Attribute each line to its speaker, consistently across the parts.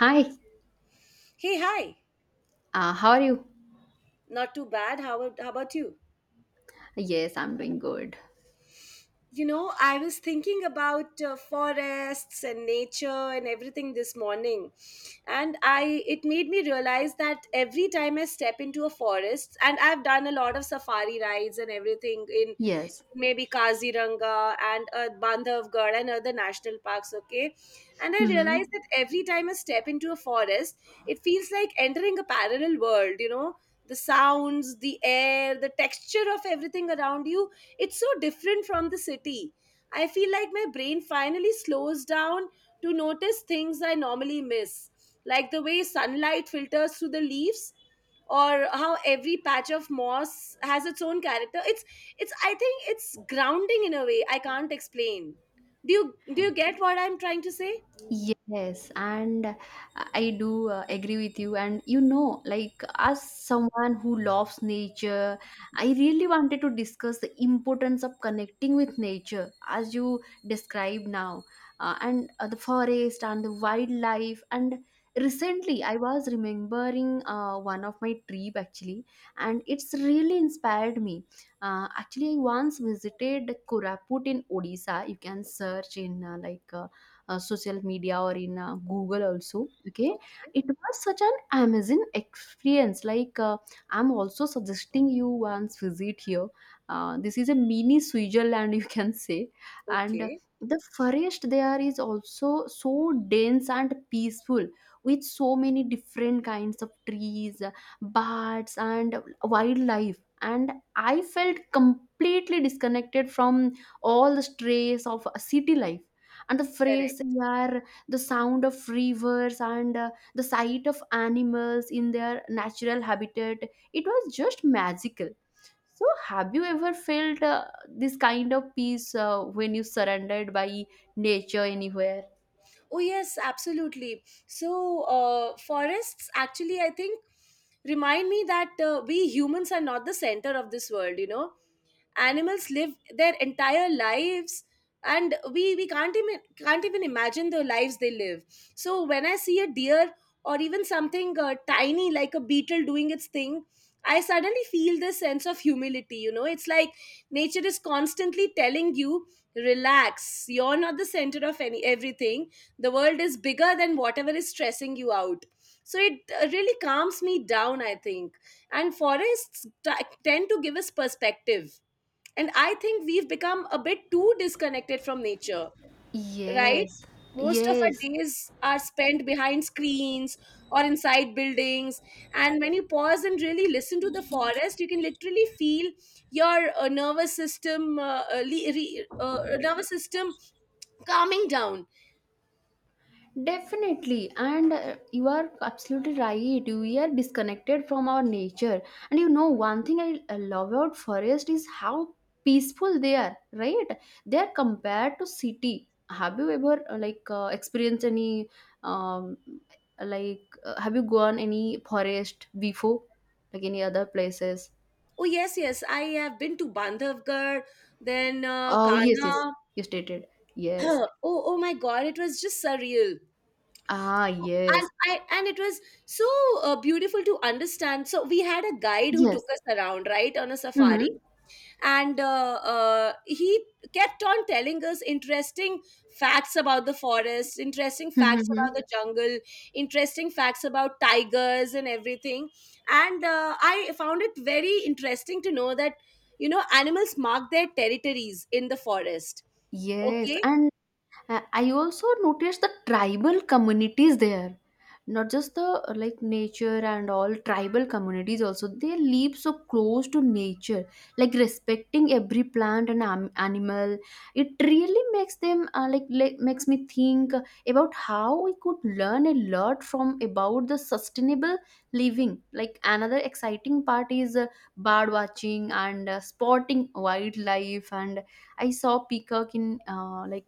Speaker 1: Hi,
Speaker 2: Hey, hi.
Speaker 1: how are you?
Speaker 2: Not too bad. How, how about you?
Speaker 1: Yes, I'm doing good.
Speaker 2: You know, I was thinking about forests and nature and everything this morning. And I it made me realize that every time I step into a forest and I've done a lot of safari rides and everything in
Speaker 1: Yes.
Speaker 2: maybe Kaziranga and Bandhavgarh and other national parks, okay? And I realized
Speaker 1: Hmm.
Speaker 2: that every time I step into a forest, it feels like entering a parallel world, you know? The sounds, the air, the texture of everything around you, it's so different from the city. I feel like my brain finally slows down to notice things I normally miss, like the way sunlight filters through the leaves or how every patch of moss has its own character. It's I think it's grounding in a way I can't explain. Do you do you get what I'm trying to say?
Speaker 1: Yes, and I do agree with you. And you know, like as someone who loves nature, I really wanted to discuss the importance of connecting with nature as you describe now, and the forest and the wildlife. And recently, I was remembering one of my trip actually, and it's really inspired me. Actually, I once visited Koraput in Odisha. You can search in like. Social media or in Google also. Okay, it was such an amazing experience. Like I'm also suggesting you once visit here. This is a mini Switzerland, you can say, and the forest there is also so dense and peaceful, with so many different kinds of trees, birds, and wildlife. And I felt completely disconnected from all the stress of city life. And the phrase
Speaker 2: Correct.
Speaker 1: are the sound of rivers, and the sight of animals in their natural habitat. It was just magical. So have you ever felt this kind of peace when you surrendered by nature anywhere?
Speaker 2: Oh yes, absolutely. So, forests actually, I think, remind me that, we humans are not the center of this world. Animals live their entire lives, and we can't even imagine the lives they live. So when I see a deer or even something tiny like a beetle doing its thing, I suddenly feel this sense of humility. It's like nature is constantly telling you, relax, you're not the center of any everything. The world is bigger than whatever is stressing you out. So it really calms me down, I think. And forests tend to give us perspective, and I think we've become a bit too disconnected from nature, right?
Speaker 1: Yes,
Speaker 2: Most of our
Speaker 1: yes.
Speaker 2: days are spent behind screens or inside buildings. And when you pause and really listen to the forest, you can literally feel your nervous system, le- re- nervous system calming down.
Speaker 1: Definitely, and you are absolutely right. We are disconnected from our nature, and you know one thing I love about forest is how peaceful they are. Right? They are compared to city. Have you ever like experienced any um, like have you gone any forest before, like any other places?
Speaker 2: Oh yes, yes, I have been to Bandhavgarh, then
Speaker 1: Oh yes, yes,
Speaker 2: Kanha.
Speaker 1: you stated yes.
Speaker 2: Oh, oh my God, it was just surreal.
Speaker 1: Ah
Speaker 2: So, and
Speaker 1: yes,
Speaker 2: I, and it was so beautiful to understand. So we had a guide who
Speaker 1: yes.
Speaker 2: took us around, right, on a safari,
Speaker 1: Mm-hmm.
Speaker 2: and he kept on telling us interesting facts about the forest, interesting facts
Speaker 1: Mm-hmm.
Speaker 2: about the jungle, interesting facts about tigers and everything. And I found it very interesting to know that animals mark their territories in the forest.
Speaker 1: Yes,
Speaker 2: Okay.
Speaker 1: and I also noticed the tribal communities there, not just the like nature and all tribal communities also. They live so close to nature, like respecting every plant and animal. It really makes them like, makes me think about how we could learn a lot from about the sustainable living. Like another exciting part is bird watching and spotting wildlife, and I saw peacock in like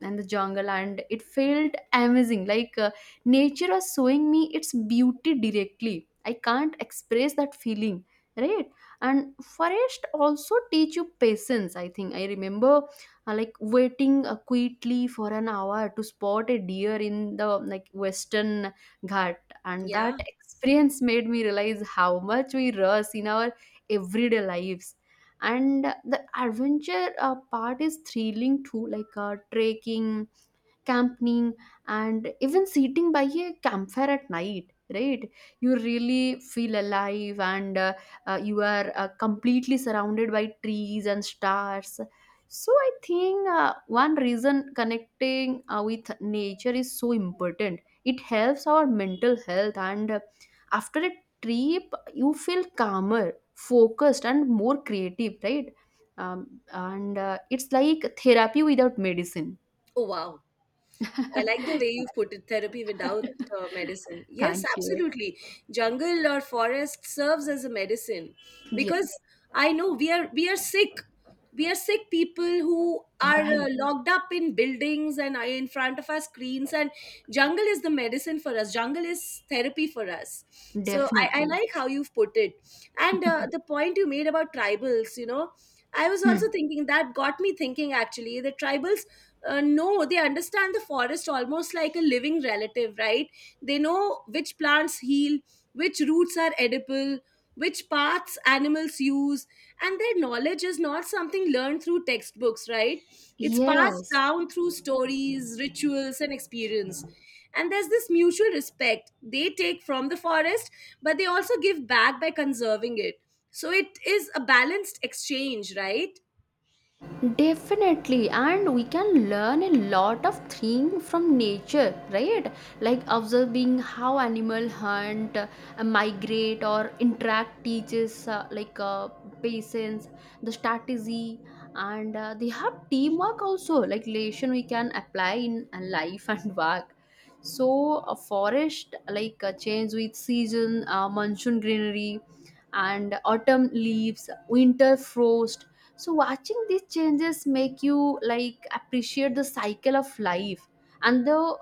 Speaker 1: and the jungle, and it felt amazing, like nature was showing me its beauty directly. I can't express that feeling, right? And forest also teach you patience, I think. I remember like waiting quietly for an hour to spot a deer in the, like, Western Ghat, and
Speaker 2: Yeah.
Speaker 1: that experience made me realize how much we rush in our everyday lives. And the adventure part is thrilling too, like trekking, camping, and even sitting by a campfire at night, right? You really feel alive, and you are completely surrounded by trees and stars. So I think one reason connecting with nature is so important: it helps our mental health. And after a trip you feel calmer, focused, and more creative, right? And it's like therapy without medicine.
Speaker 2: Oh wow. I like the way you put it, therapy without medicine. Yes,
Speaker 1: Thank you.
Speaker 2: absolutely. Jungle or forest serves as a medicine
Speaker 1: Yeah,
Speaker 2: because I know we are sick. We are sick people who are
Speaker 1: right.
Speaker 2: locked up in buildings and are in front of our screens. And jungle is the medicine for us. Jungle is therapy for us. So, I
Speaker 1: Definitely.
Speaker 2: like how you've put it. And the point you made about tribals, you know, I was also
Speaker 1: Hmm.
Speaker 2: thinking that got me thinking actually. The tribals know, they understand the forest almost like a living relative, right? They know which plants heal, which roots are edible, which paths animals use, and their knowledge is not something learned through textbooks, right? It's passed
Speaker 1: Yes.
Speaker 2: down through stories, rituals, and experience. And there's this mutual respect. They take from the forest, but they also give back by conserving it, so it is a balanced exchange, right?
Speaker 1: Definitely, and we can learn a lot of things from nature, right? Like observing how animal hunt, migrate, or interact teaches like patience, the strategy, and they have teamwork also. Like relation we can apply in life and work. So a forest like change with season, monsoon greenery, and autumn leaves, winter frost. So watching these changes make you like appreciate the cycle of life and the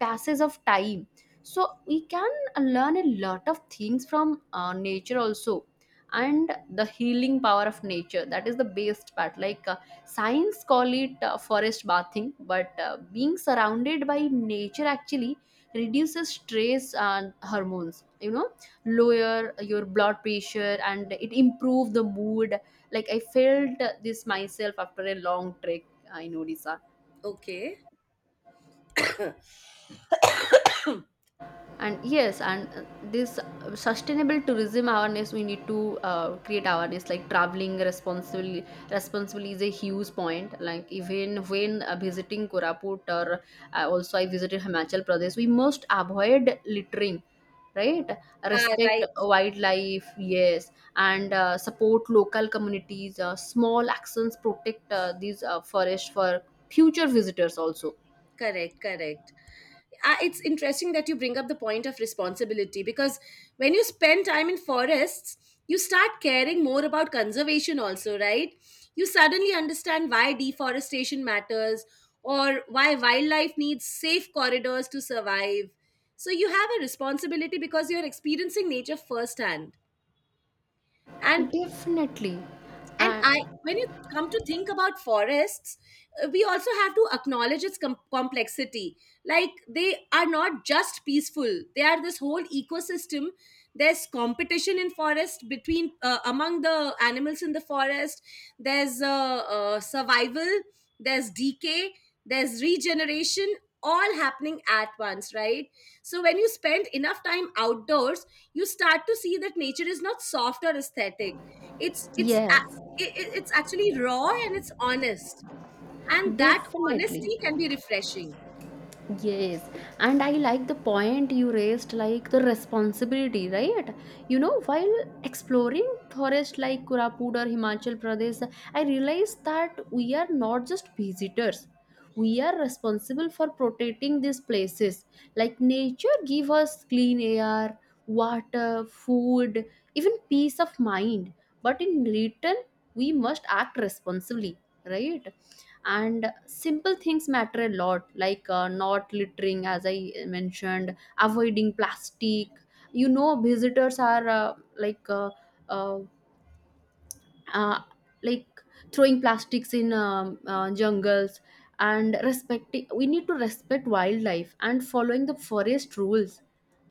Speaker 1: passage of time. So we can learn a lot of things from nature also. And the healing power of nature, that is the best part. Like science call it forest bathing, but being surrounded by nature actually reduces stress and hormones, lower your blood pressure, and it improve the mood. Like I felt this myself after a long trek in Odisha.
Speaker 2: Okay.
Speaker 1: And yes, and this sustainable tourism awareness, we need to create awareness. Like traveling responsibly, is a huge point, like even when visiting Koraput, or also I visited Himachal Pradesh, we must avoid littering, right?
Speaker 2: Ah,
Speaker 1: Respect
Speaker 2: right.
Speaker 1: wildlife, yes, and support local communities. Small actions protect these forests for future visitors also.
Speaker 2: Correct, correct. It's interesting that you bring up the point of responsibility because when you spend time in forests, you start caring more about conservation, also, right? You suddenly understand why deforestation matters or why wildlife needs safe corridors to survive. So you have a responsibility because you're experiencing nature firsthand. And
Speaker 1: Definitely,
Speaker 2: and
Speaker 1: and
Speaker 2: I when you come to think about forests, we also have to acknowledge its complexity. Like, they are not just peaceful, they are this whole ecosystem. There's competition in forest between among the animals in the forest. There's survival, there's decay, there's regeneration, all happening at once, right? So when you spend enough time outdoors, you start to see that nature is not soft or aesthetic. it's it's
Speaker 1: yes.
Speaker 2: it, it, it's actually raw and it's honest, and that
Speaker 1: Definitely.
Speaker 2: honesty can be refreshing.
Speaker 1: Yes. And I like the point you raised, like the responsibility, right? You know, while exploring forests like Kurapud or Himachal Pradesh, I realized that we are not just visitors. We are responsible for protecting these places. Like nature give us clean air, water, food, even peace of mind. But in return, we must act responsibly, right? And simple things matter a lot, like not littering, as I mentioned, avoiding plastic. You know, visitors are uh, uh, like throwing plastics in jungles. And respecting, we need to respect wildlife, and following the forest rules,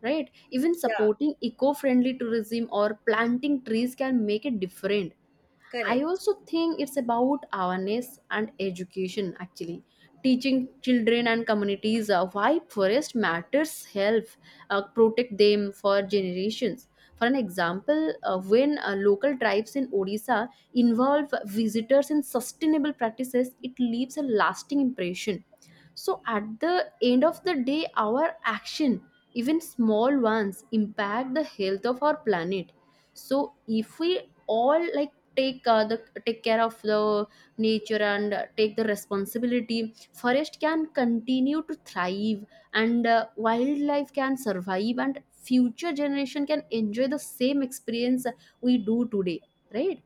Speaker 1: right? Even
Speaker 2: Yeah,
Speaker 1: supporting eco-friendly tourism or planting trees can make a difference. I
Speaker 2: correct.
Speaker 1: also think it's about awareness and education actually. Teaching children and communities why forest matters help protect them for generations. For an example, when local tribes in Odisha involve visitors in sustainable practices, it leaves a lasting impression. So at the end of the day, our action, even small ones, impact the health of our planet. So if we all like take uh, the take care of the nature, and take the responsibility, forest can continue to thrive, and wildlife can survive, and future generation can enjoy the same experience we do today, right?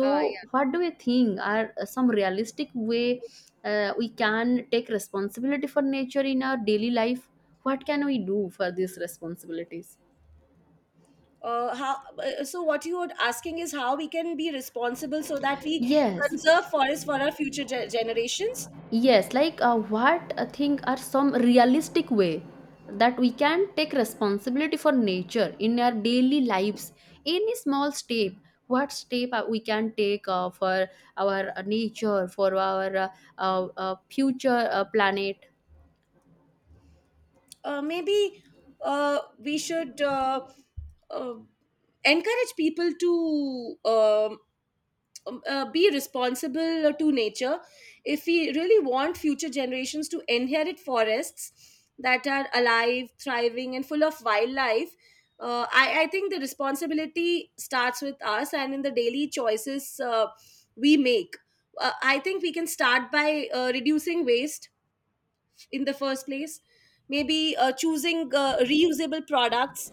Speaker 2: Yeah.
Speaker 1: what do you think are some realistic way we can take responsibility for nature in our daily life? What can we do for these responsibilities?
Speaker 2: So what you are asking is how we can be responsible so that we
Speaker 1: Yes,
Speaker 2: conserve forests for our future generations.
Speaker 1: yes. Like, what I think are some realistic way that we can take responsibility for nature in our daily lives? Any small step, what step we can take for our nature, for our future planet?
Speaker 2: Maybe we should, uh, encourage people to, um be responsible to nature. If we really want future generations to inherit forests that are alive, thriving, and full of wildlife, I think the responsibility starts with us and in the daily choices we make. I think we can start by reducing waste in the first place. Maybe choosing reusable products,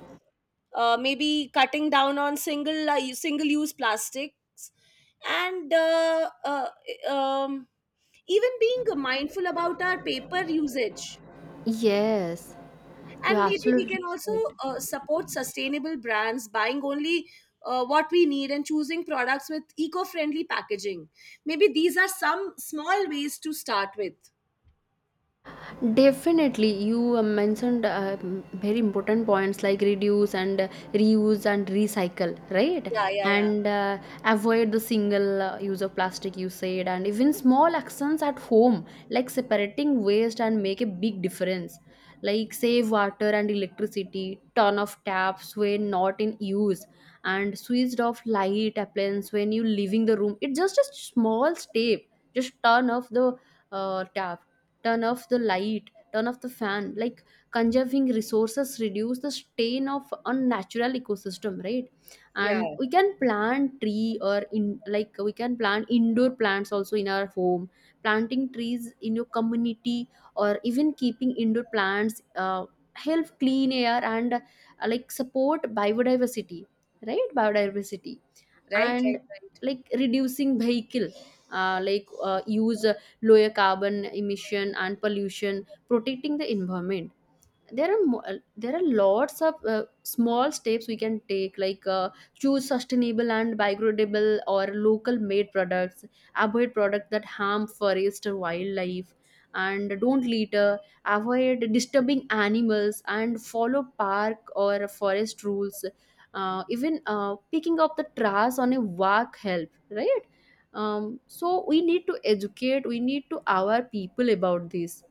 Speaker 2: maybe cutting down on single use plastics, and um, even being mindful about our paper usage.
Speaker 1: Yes. You're
Speaker 2: And maybe we
Speaker 1: absolutely
Speaker 2: can also
Speaker 1: right.
Speaker 2: support sustainable brands, buying only what we need and choosing products with eco-friendly packaging. Maybe these are some small ways to start with.
Speaker 1: Definitely, you mentioned very important points, like reduce and reuse and recycle, right?
Speaker 2: Yeah, yeah, yeah,
Speaker 1: And avoid the single use of plastic, you said, and even small actions at home like separating waste and make a big difference. Like save water and electricity, turn off taps when not in use, and switched off light appliance when you leaving the room. It's just a small step. Just turn off the tap, turn off the light, turn off the fan, like conserving resources reduce the strain of unnatural ecosystem, right?
Speaker 2: yeah.
Speaker 1: And we can plant tree, or in like, we can plant indoor plants also in our home. Planting trees in your community, or even keeping indoor plants, help clean air and like support biodiversity, right? Biodiversity.
Speaker 2: Right,
Speaker 1: And
Speaker 2: right, right.
Speaker 1: like reducing vehicle like use lower carbon emission and pollution, protecting the environment. There are lots of small steps we can take, like choose sustainable and biodegradable or local made products, avoid products that harm forest or wildlife, and don't litter, avoid disturbing animals, and follow park or forest rules. Even picking up the trash on a walk help, right? So we need to educate, we need to our people about this.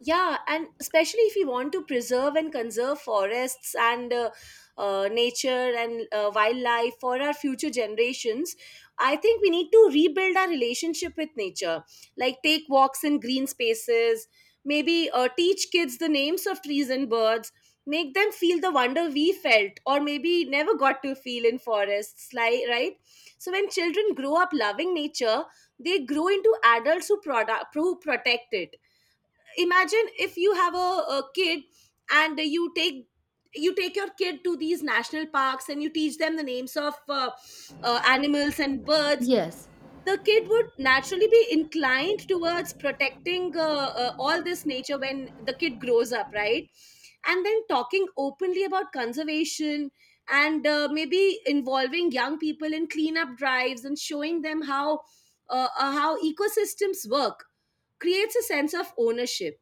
Speaker 2: Yeah, and especially if you want to preserve and conserve forests and nature and wildlife for our future generations, I think we need to rebuild our relationship with nature. Like, take walks in green spaces, maybe teach kids the names of trees and birds, make them feel the wonder we felt or maybe never got to feel in forests, like, right? So when children grow up loving nature, they grow into adults who protect it. Imagine if you have a kid, and you take, you take your kid to these national parks and you teach them the names of animals and birds.
Speaker 1: Yes.
Speaker 2: The kid would naturally be inclined towards protecting all this nature when the kid grows up, right? And then talking openly about conservation, and maybe involving young people in cleanup drives and showing them how ecosystems work creates a sense of ownership.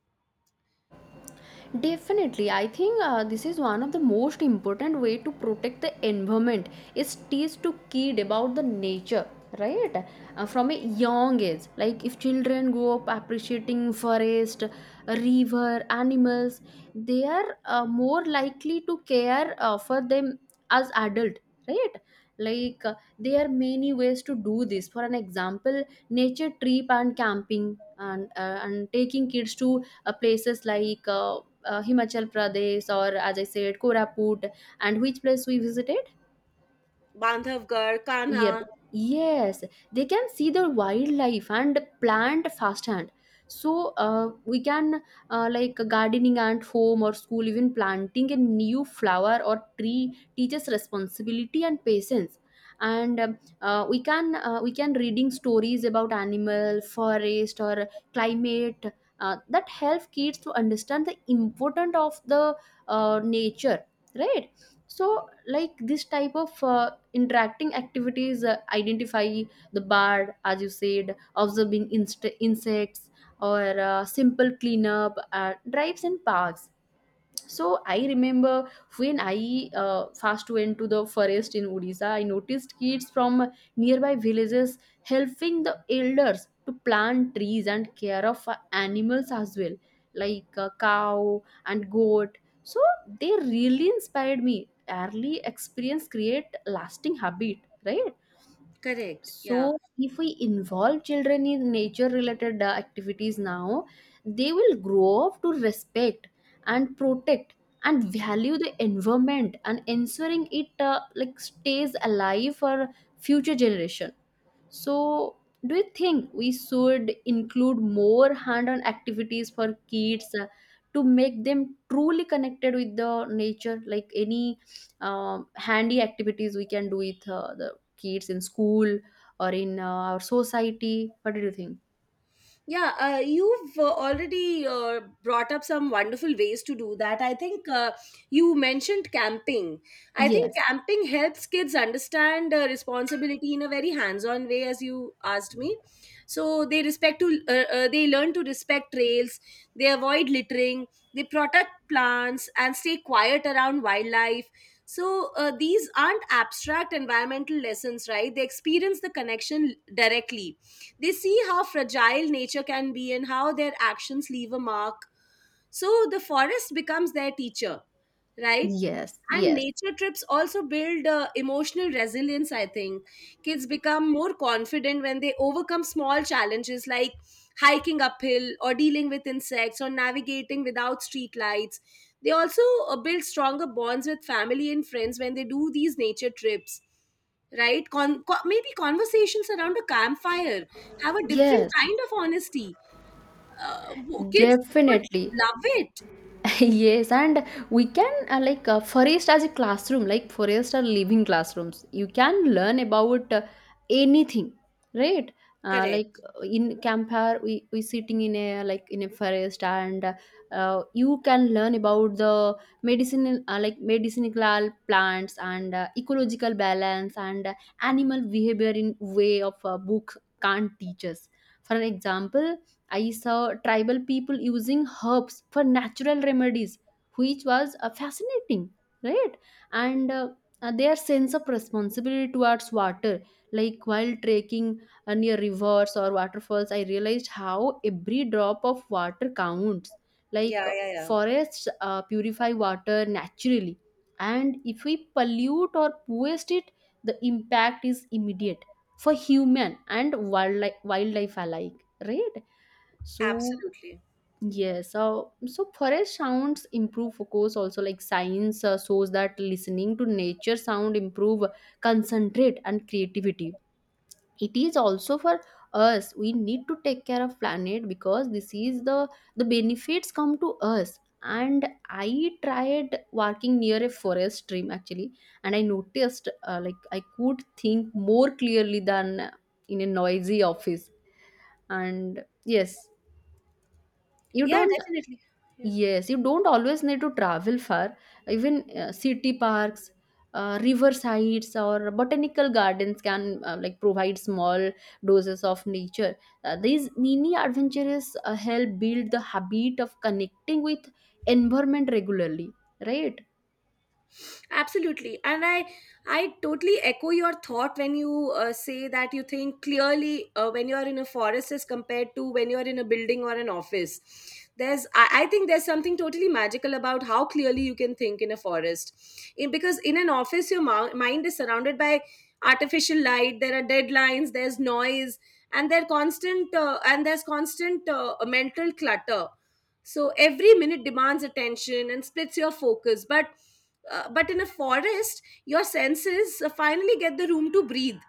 Speaker 1: Definitely, I think this is one of the most important way to protect the environment is teach to kid about the nature, right? From a young age, like if children grow up appreciating forest, river, animals, they are more likely to care for them as adult, right? Like there are many ways to do this. For an example, nature trip and camping, and taking kids to places like Himachal Pradesh or, as I said, Koraput, and which place we visited?
Speaker 2: Bandhavgarh, Kanha.
Speaker 1: Yep. Yes, they can see the wildlife and plant firsthand. So we can like gardening at home or school, even planting a new flower or tree teaches responsibility and patience. And we can reading stories about animal, forest, or climate, that help kids to understand the importance of the nature, right? So like this type of interacting activities, identify the bird, as you said, observing insects, or simple cleanup at drives and parks. So I remember when I first went to the forest in Odisha, I noticed kids from nearby villages helping the elders to plant trees and care of animals as well, like cow and goat. So they really inspired me. Early experience create lasting habit, right?
Speaker 2: Correct. Yeah.
Speaker 1: So, if we involve children in nature related activities now, they will grow up to respect and protect and value the environment, and ensuring it like stays alive for future generation. So, do you think we should include more hand on activities for kids to make them truly connected with the nature? Like any handy activities we can do with the kids in school or in our society? What do you think?
Speaker 2: Yeah, you've already brought up some wonderful ways to do that. I think you mentioned camping. I think
Speaker 1: Yes,
Speaker 2: camping helps kids understand responsibility in a very hands-on way, as you asked me. So they learn to respect trails. They avoid littering. They protect plants and stay quiet around wildlife. So, these aren't abstract environmental lessons, right? They experience the connection directly. They see how fragile nature can be and how their actions leave a mark. So the forest becomes their teacher, right?
Speaker 1: yes,
Speaker 2: And
Speaker 1: yes,
Speaker 2: nature trips also build emotional resilience, I think. Kids become more confident when they overcome small challenges like hiking uphill or dealing with insects or navigating without street lights. They also build stronger bonds with family and friends when they do these nature trips, right? Maybe conversations around a campfire have a different
Speaker 1: yes,
Speaker 2: kind of honesty. Kids would
Speaker 1: definitely.
Speaker 2: love it.
Speaker 1: Yes, and we can forest as a classroom. Like forest are living classrooms. You can learn about anything, right?
Speaker 2: Correct.
Speaker 1: In campfire, we sitting in a like in a forest and you can learn about the medicinal medicinal plants and ecological balance and animal behavior in way of a book can't teach us. For an example, I saw tribal people using herbs for natural remedies, which was fascinating, right? And their sense of responsibility towards water, like while trekking near rivers or waterfalls, I realized how every drop of water counts. Like
Speaker 2: Yeah,
Speaker 1: uh,
Speaker 2: yeah, yeah.
Speaker 1: Forests purify water naturally, and if we pollute or waste it, the impact is immediate for human and wildlife alike, right? So
Speaker 2: Absolutely.
Speaker 1: yes, so forest sounds improve focus also. Like, science shows that listening to nature sound improve concentrate and creativity. It is also for us. We need to take care of planet, because this is the benefits come to us. And I tried walking near a forest stream actually, and I noticed I could think more clearly than in a noisy office. And yes, you
Speaker 2: Yeah,
Speaker 1: don't
Speaker 2: definitely. Yeah,
Speaker 1: Yes, you don't always need to travel far. Even city parks, river sides, or botanical gardens can provide small doses of nature. These mini adventures help build the habit of connecting with environment regularly, right?
Speaker 2: absolutely. And I totally echo your thought when you say that you think clearly when you're in a forest as compared to when you're in a building or an office. There's I think there's something totally magical about how clearly you can think in a forest. Because in an office your mind is surrounded by artificial light, there are deadlines, there's noise, and there's constant mental clutter. So every minute demands attention and splits your focus, but but in a forest your senses finally get the room to breathe.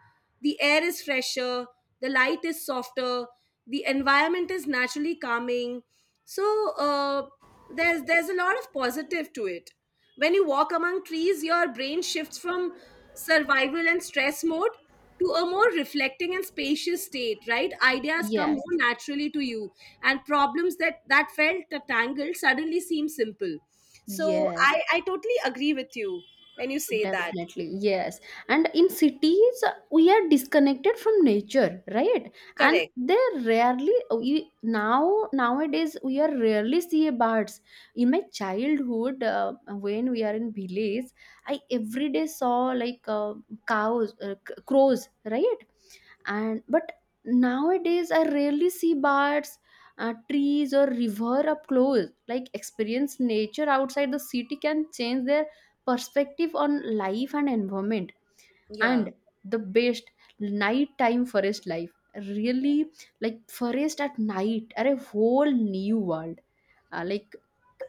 Speaker 2: The air is fresher, the light is softer, the environment is naturally calming. So, uh, there's a lot of positive to it. When you walk among trees, your brain shifts from survival and stress mode to a more reflecting and spacious state, right? Ideas come
Speaker 1: Yes.
Speaker 2: more naturally to you, and problems that felt tangled suddenly seem simple. So
Speaker 1: Yes.
Speaker 2: I totally agree with you when you say that.
Speaker 1: Definitely, yes. And in cities, we are disconnected from nature, right? And
Speaker 2: Correct.
Speaker 1: they rarely we, Now nowadays we are rarely see birds. In my childhood, when we are in village, I every day saw like cows, crows, right? And but nowadays, I rarely see birds. Trees or river up close, like experience nature outside the city can change their perspective on life and environment,
Speaker 2: Yeah,
Speaker 1: and the best nighttime forest life really, like forest at night are a whole new world. Uh, like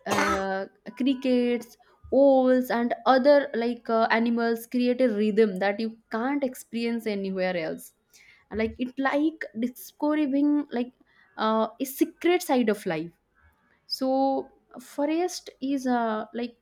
Speaker 1: uh, Crickets, owls, and other animals create a rhythm that you can't experience anywhere else, like it like discovering like a secret side of life. So forest is like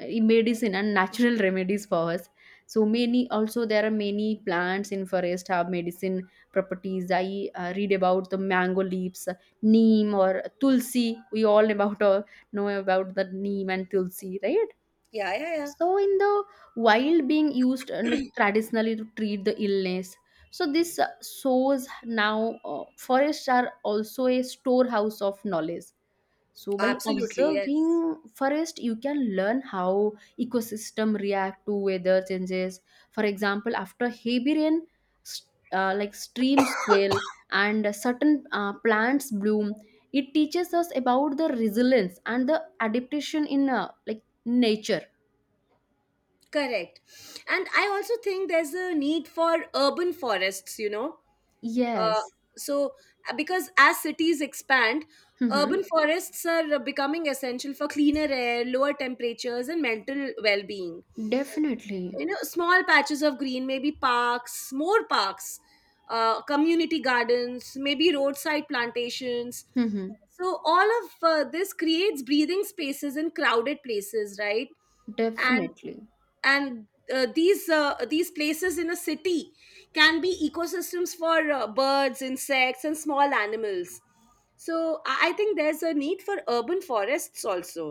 Speaker 1: medicine and natural remedies for us. So many, also there are many plants in forest have medicine properties. I read about the mango leaves, neem or tulsi. We all about know about the neem and tulsi, right?
Speaker 2: yeah, yeah, yeah.
Speaker 1: So in the wild being used traditionally to treat the illness. So this shows now forests are also a storehouse of knowledge. So by
Speaker 2: Absolutely. Yes.
Speaker 1: observing forest, you can learn how ecosystem react to weather changes. For example, after heavy rain, s- streams swell and certain plants bloom. It teaches us about the resilience and the adaptation in nature.
Speaker 2: Correct. And I also think there's a need for urban forests, you know? uh,
Speaker 1: Yes.
Speaker 2: so because as cities expand, urban
Speaker 1: Mm-hmm.
Speaker 2: forests are becoming essential for cleaner air, lower temperatures, and mental well-being.
Speaker 1: Definitely.
Speaker 2: Small patches of green, maybe parks, more parks, community gardens, maybe roadside plantations,
Speaker 1: Mm-hmm.
Speaker 2: so all of this creates breathing spaces in crowded places, right? and
Speaker 1: Definitely.
Speaker 2: and uh, these these places in a city can be ecosystems for birds, insects, and small animals. So I think there's a need for urban forests also.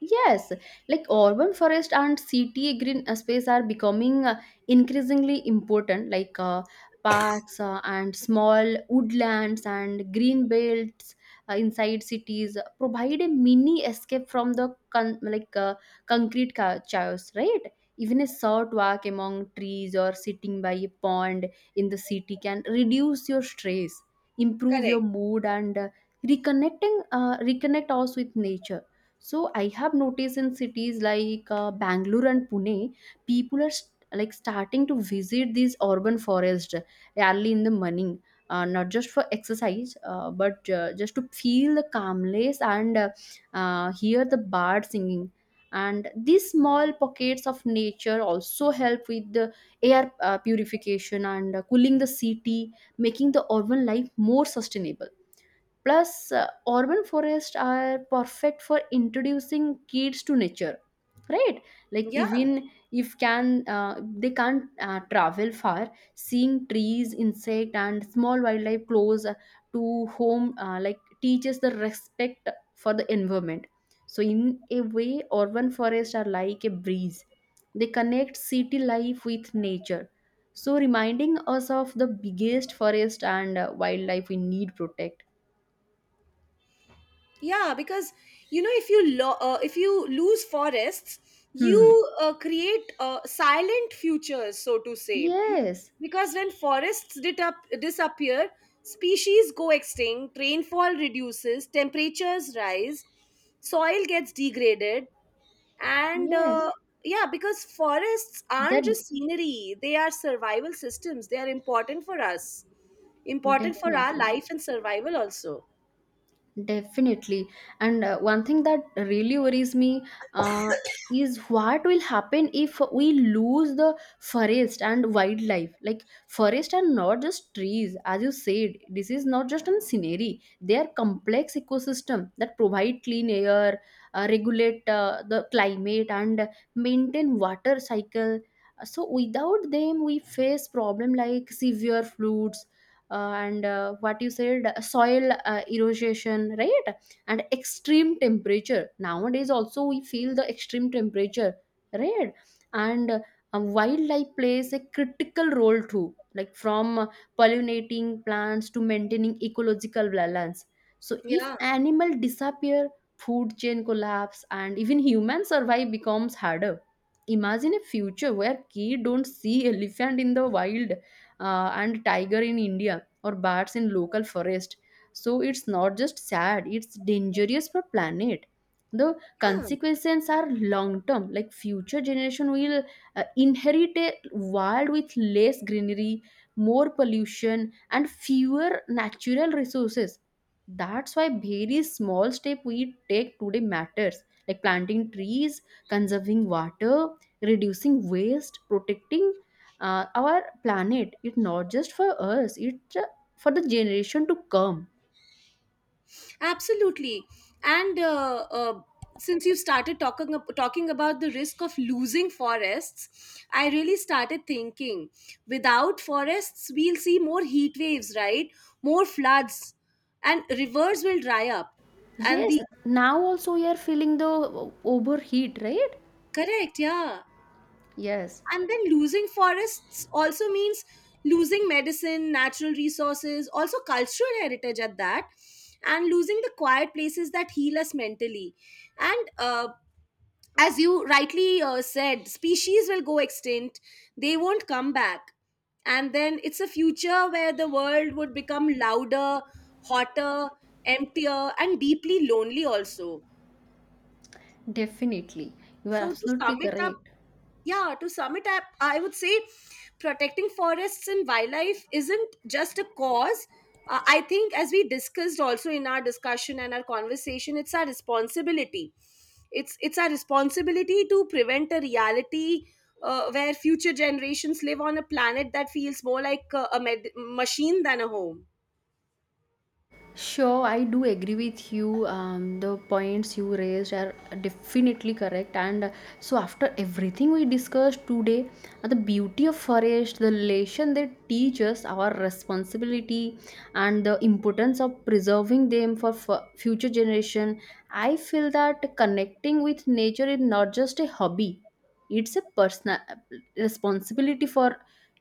Speaker 1: Yes, like urban forest and city green space are becoming increasingly important, like parks and small woodlands and green belts inside cities provide a mini escape from the concrete chaos, right? Even a short walk among trees or sitting by a pond in the city can reduce your stress, improve your
Speaker 2: Correct.
Speaker 1: mood, and reconnect us with nature. So I have noticed in cities like Bangalore and Pune, people are starting to visit these urban forests early in the morning, not just for exercise, but just to feel the calmness and hear the bird singing. And these small pockets of nature also help with the air purification and cooling the city, making the urban life more sustainable. Plus, urban forests are perfect for introducing kids to nature, right? Like
Speaker 2: Yeah.
Speaker 1: even if can they can't travel far, seeing trees, insect, and small wildlife close to home teaches the respect for the environment. So in a way, urban forests are like a breeze. They connect city life with nature. So reminding us of the biggest forest and wildlife we need protect.
Speaker 2: Yeah, because if you lose forests, you
Speaker 1: Hmm.
Speaker 2: create silent futures, so to say.
Speaker 1: Yes.
Speaker 2: Because when forests disappear, species go extinct, rainfall reduces, temperatures rise, soil gets degraded, and
Speaker 1: Yes.
Speaker 2: yeah, because forests aren't
Speaker 1: That
Speaker 2: just scenery; they are survival systems. They are important for us, important for our
Speaker 1: Definitely.
Speaker 2: life and survival also.
Speaker 1: Definitely. And one thing that really worries me uh, is what will happen if we lose the forest and wildlife. Like, forest are not just trees, as you said, this is not just a scenery. They are complex ecosystem that provide clean air, regulate the climate, and maintain water cycle. So without them, we face problem like severe floods and what you said, soil erosion, right? And extreme temperature, nowadays also we feel the extreme temperature, right? And wildlife plays a critical role too, like from pollinating plants to maintaining ecological balance. So if
Speaker 2: Yeah,
Speaker 1: animal disappear, food chain collapse and even human survive becomes harder. Imagine a future where kids don't see elephant in the wild, and tiger in india, or bats in local forest. So it's not just sad, it's dangerous for planet. The
Speaker 2: yeah.
Speaker 1: consequences are long term, like future generation will inherit a world with less greenery, more pollution, and fewer natural resources. That's why very small step we take today matters, like planting trees, conserving water, reducing waste, protecting our planet. It's not just for us, it's for the generation to come.
Speaker 2: Absolutely. And since you started talking about the risk of losing forests, I really started thinking, without forests, we'll see more heat waves, right? More floods, and rivers will dry up. And the
Speaker 1: Yes, now also we are feeling the overheat, right?
Speaker 2: Correct, yeah.
Speaker 1: Yes,
Speaker 2: And then losing forests also means losing medicine, natural resources, also cultural heritage at that, and losing the quiet places that heal us mentally. And as you rightly said, species will go extinct, they won't come back, and then it's a future where the world would become louder, hotter, emptier, and deeply lonely also.
Speaker 1: definitely. You are
Speaker 2: So to sum
Speaker 1: absolutely
Speaker 2: it up
Speaker 1: correct.
Speaker 2: yeah to sum it up I would say, protecting forests and wildlife isn't just a cause. I think, as we discussed also in our discussion and our conversation, it's our responsibility. It's our responsibility to prevent a reality where future generations live on a planet that feels more like a machine than a home.
Speaker 1: Sure, I do agree with you. The points you raised are definitely correct. And so, after everything we discussed today, the beauty of forest, the lesson they teach us, our responsibility, and the importance of preserving them for future generation. I feel that connecting with nature is not just a hobby; it's a personal responsibility for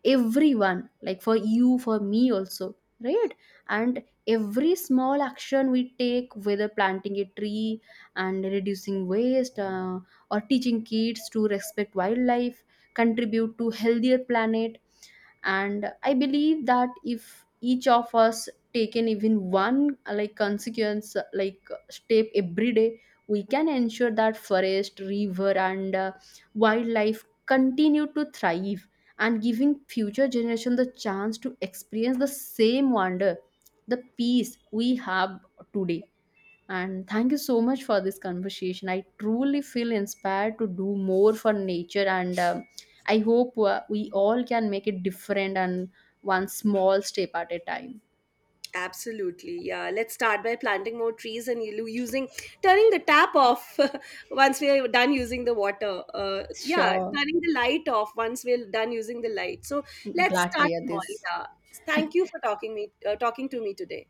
Speaker 1: everyone, like for you, for me also, right? And every small action we take, whether planting a tree and reducing waste, or teaching kids to respect wildlife, contribute to healthier planet. And I believe that if each of us taken even one like consequence like step every day, we can ensure that forest river and wildlife continue to thrive, and giving future generation the chance to experience the same wonder, the peace we have today. And thank you so much for this conversation. I truly feel inspired to do more for nature, and I hope we all can make it different, and one small step at a time.
Speaker 2: Absolutely. Yeah. Let's start by planting more trees and turning the tap off once we're done using the water. Yeah.
Speaker 1: Sure.
Speaker 2: Turning the light off once we're done using the light. So let's
Speaker 1: Glad to
Speaker 2: start
Speaker 1: hear
Speaker 2: small.
Speaker 1: this.
Speaker 2: Yeah. Thank you for talking to me today.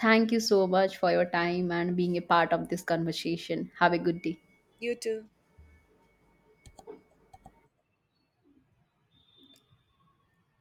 Speaker 1: Thank you so much for your time and being a part of this conversation. Have a good day.
Speaker 2: You too.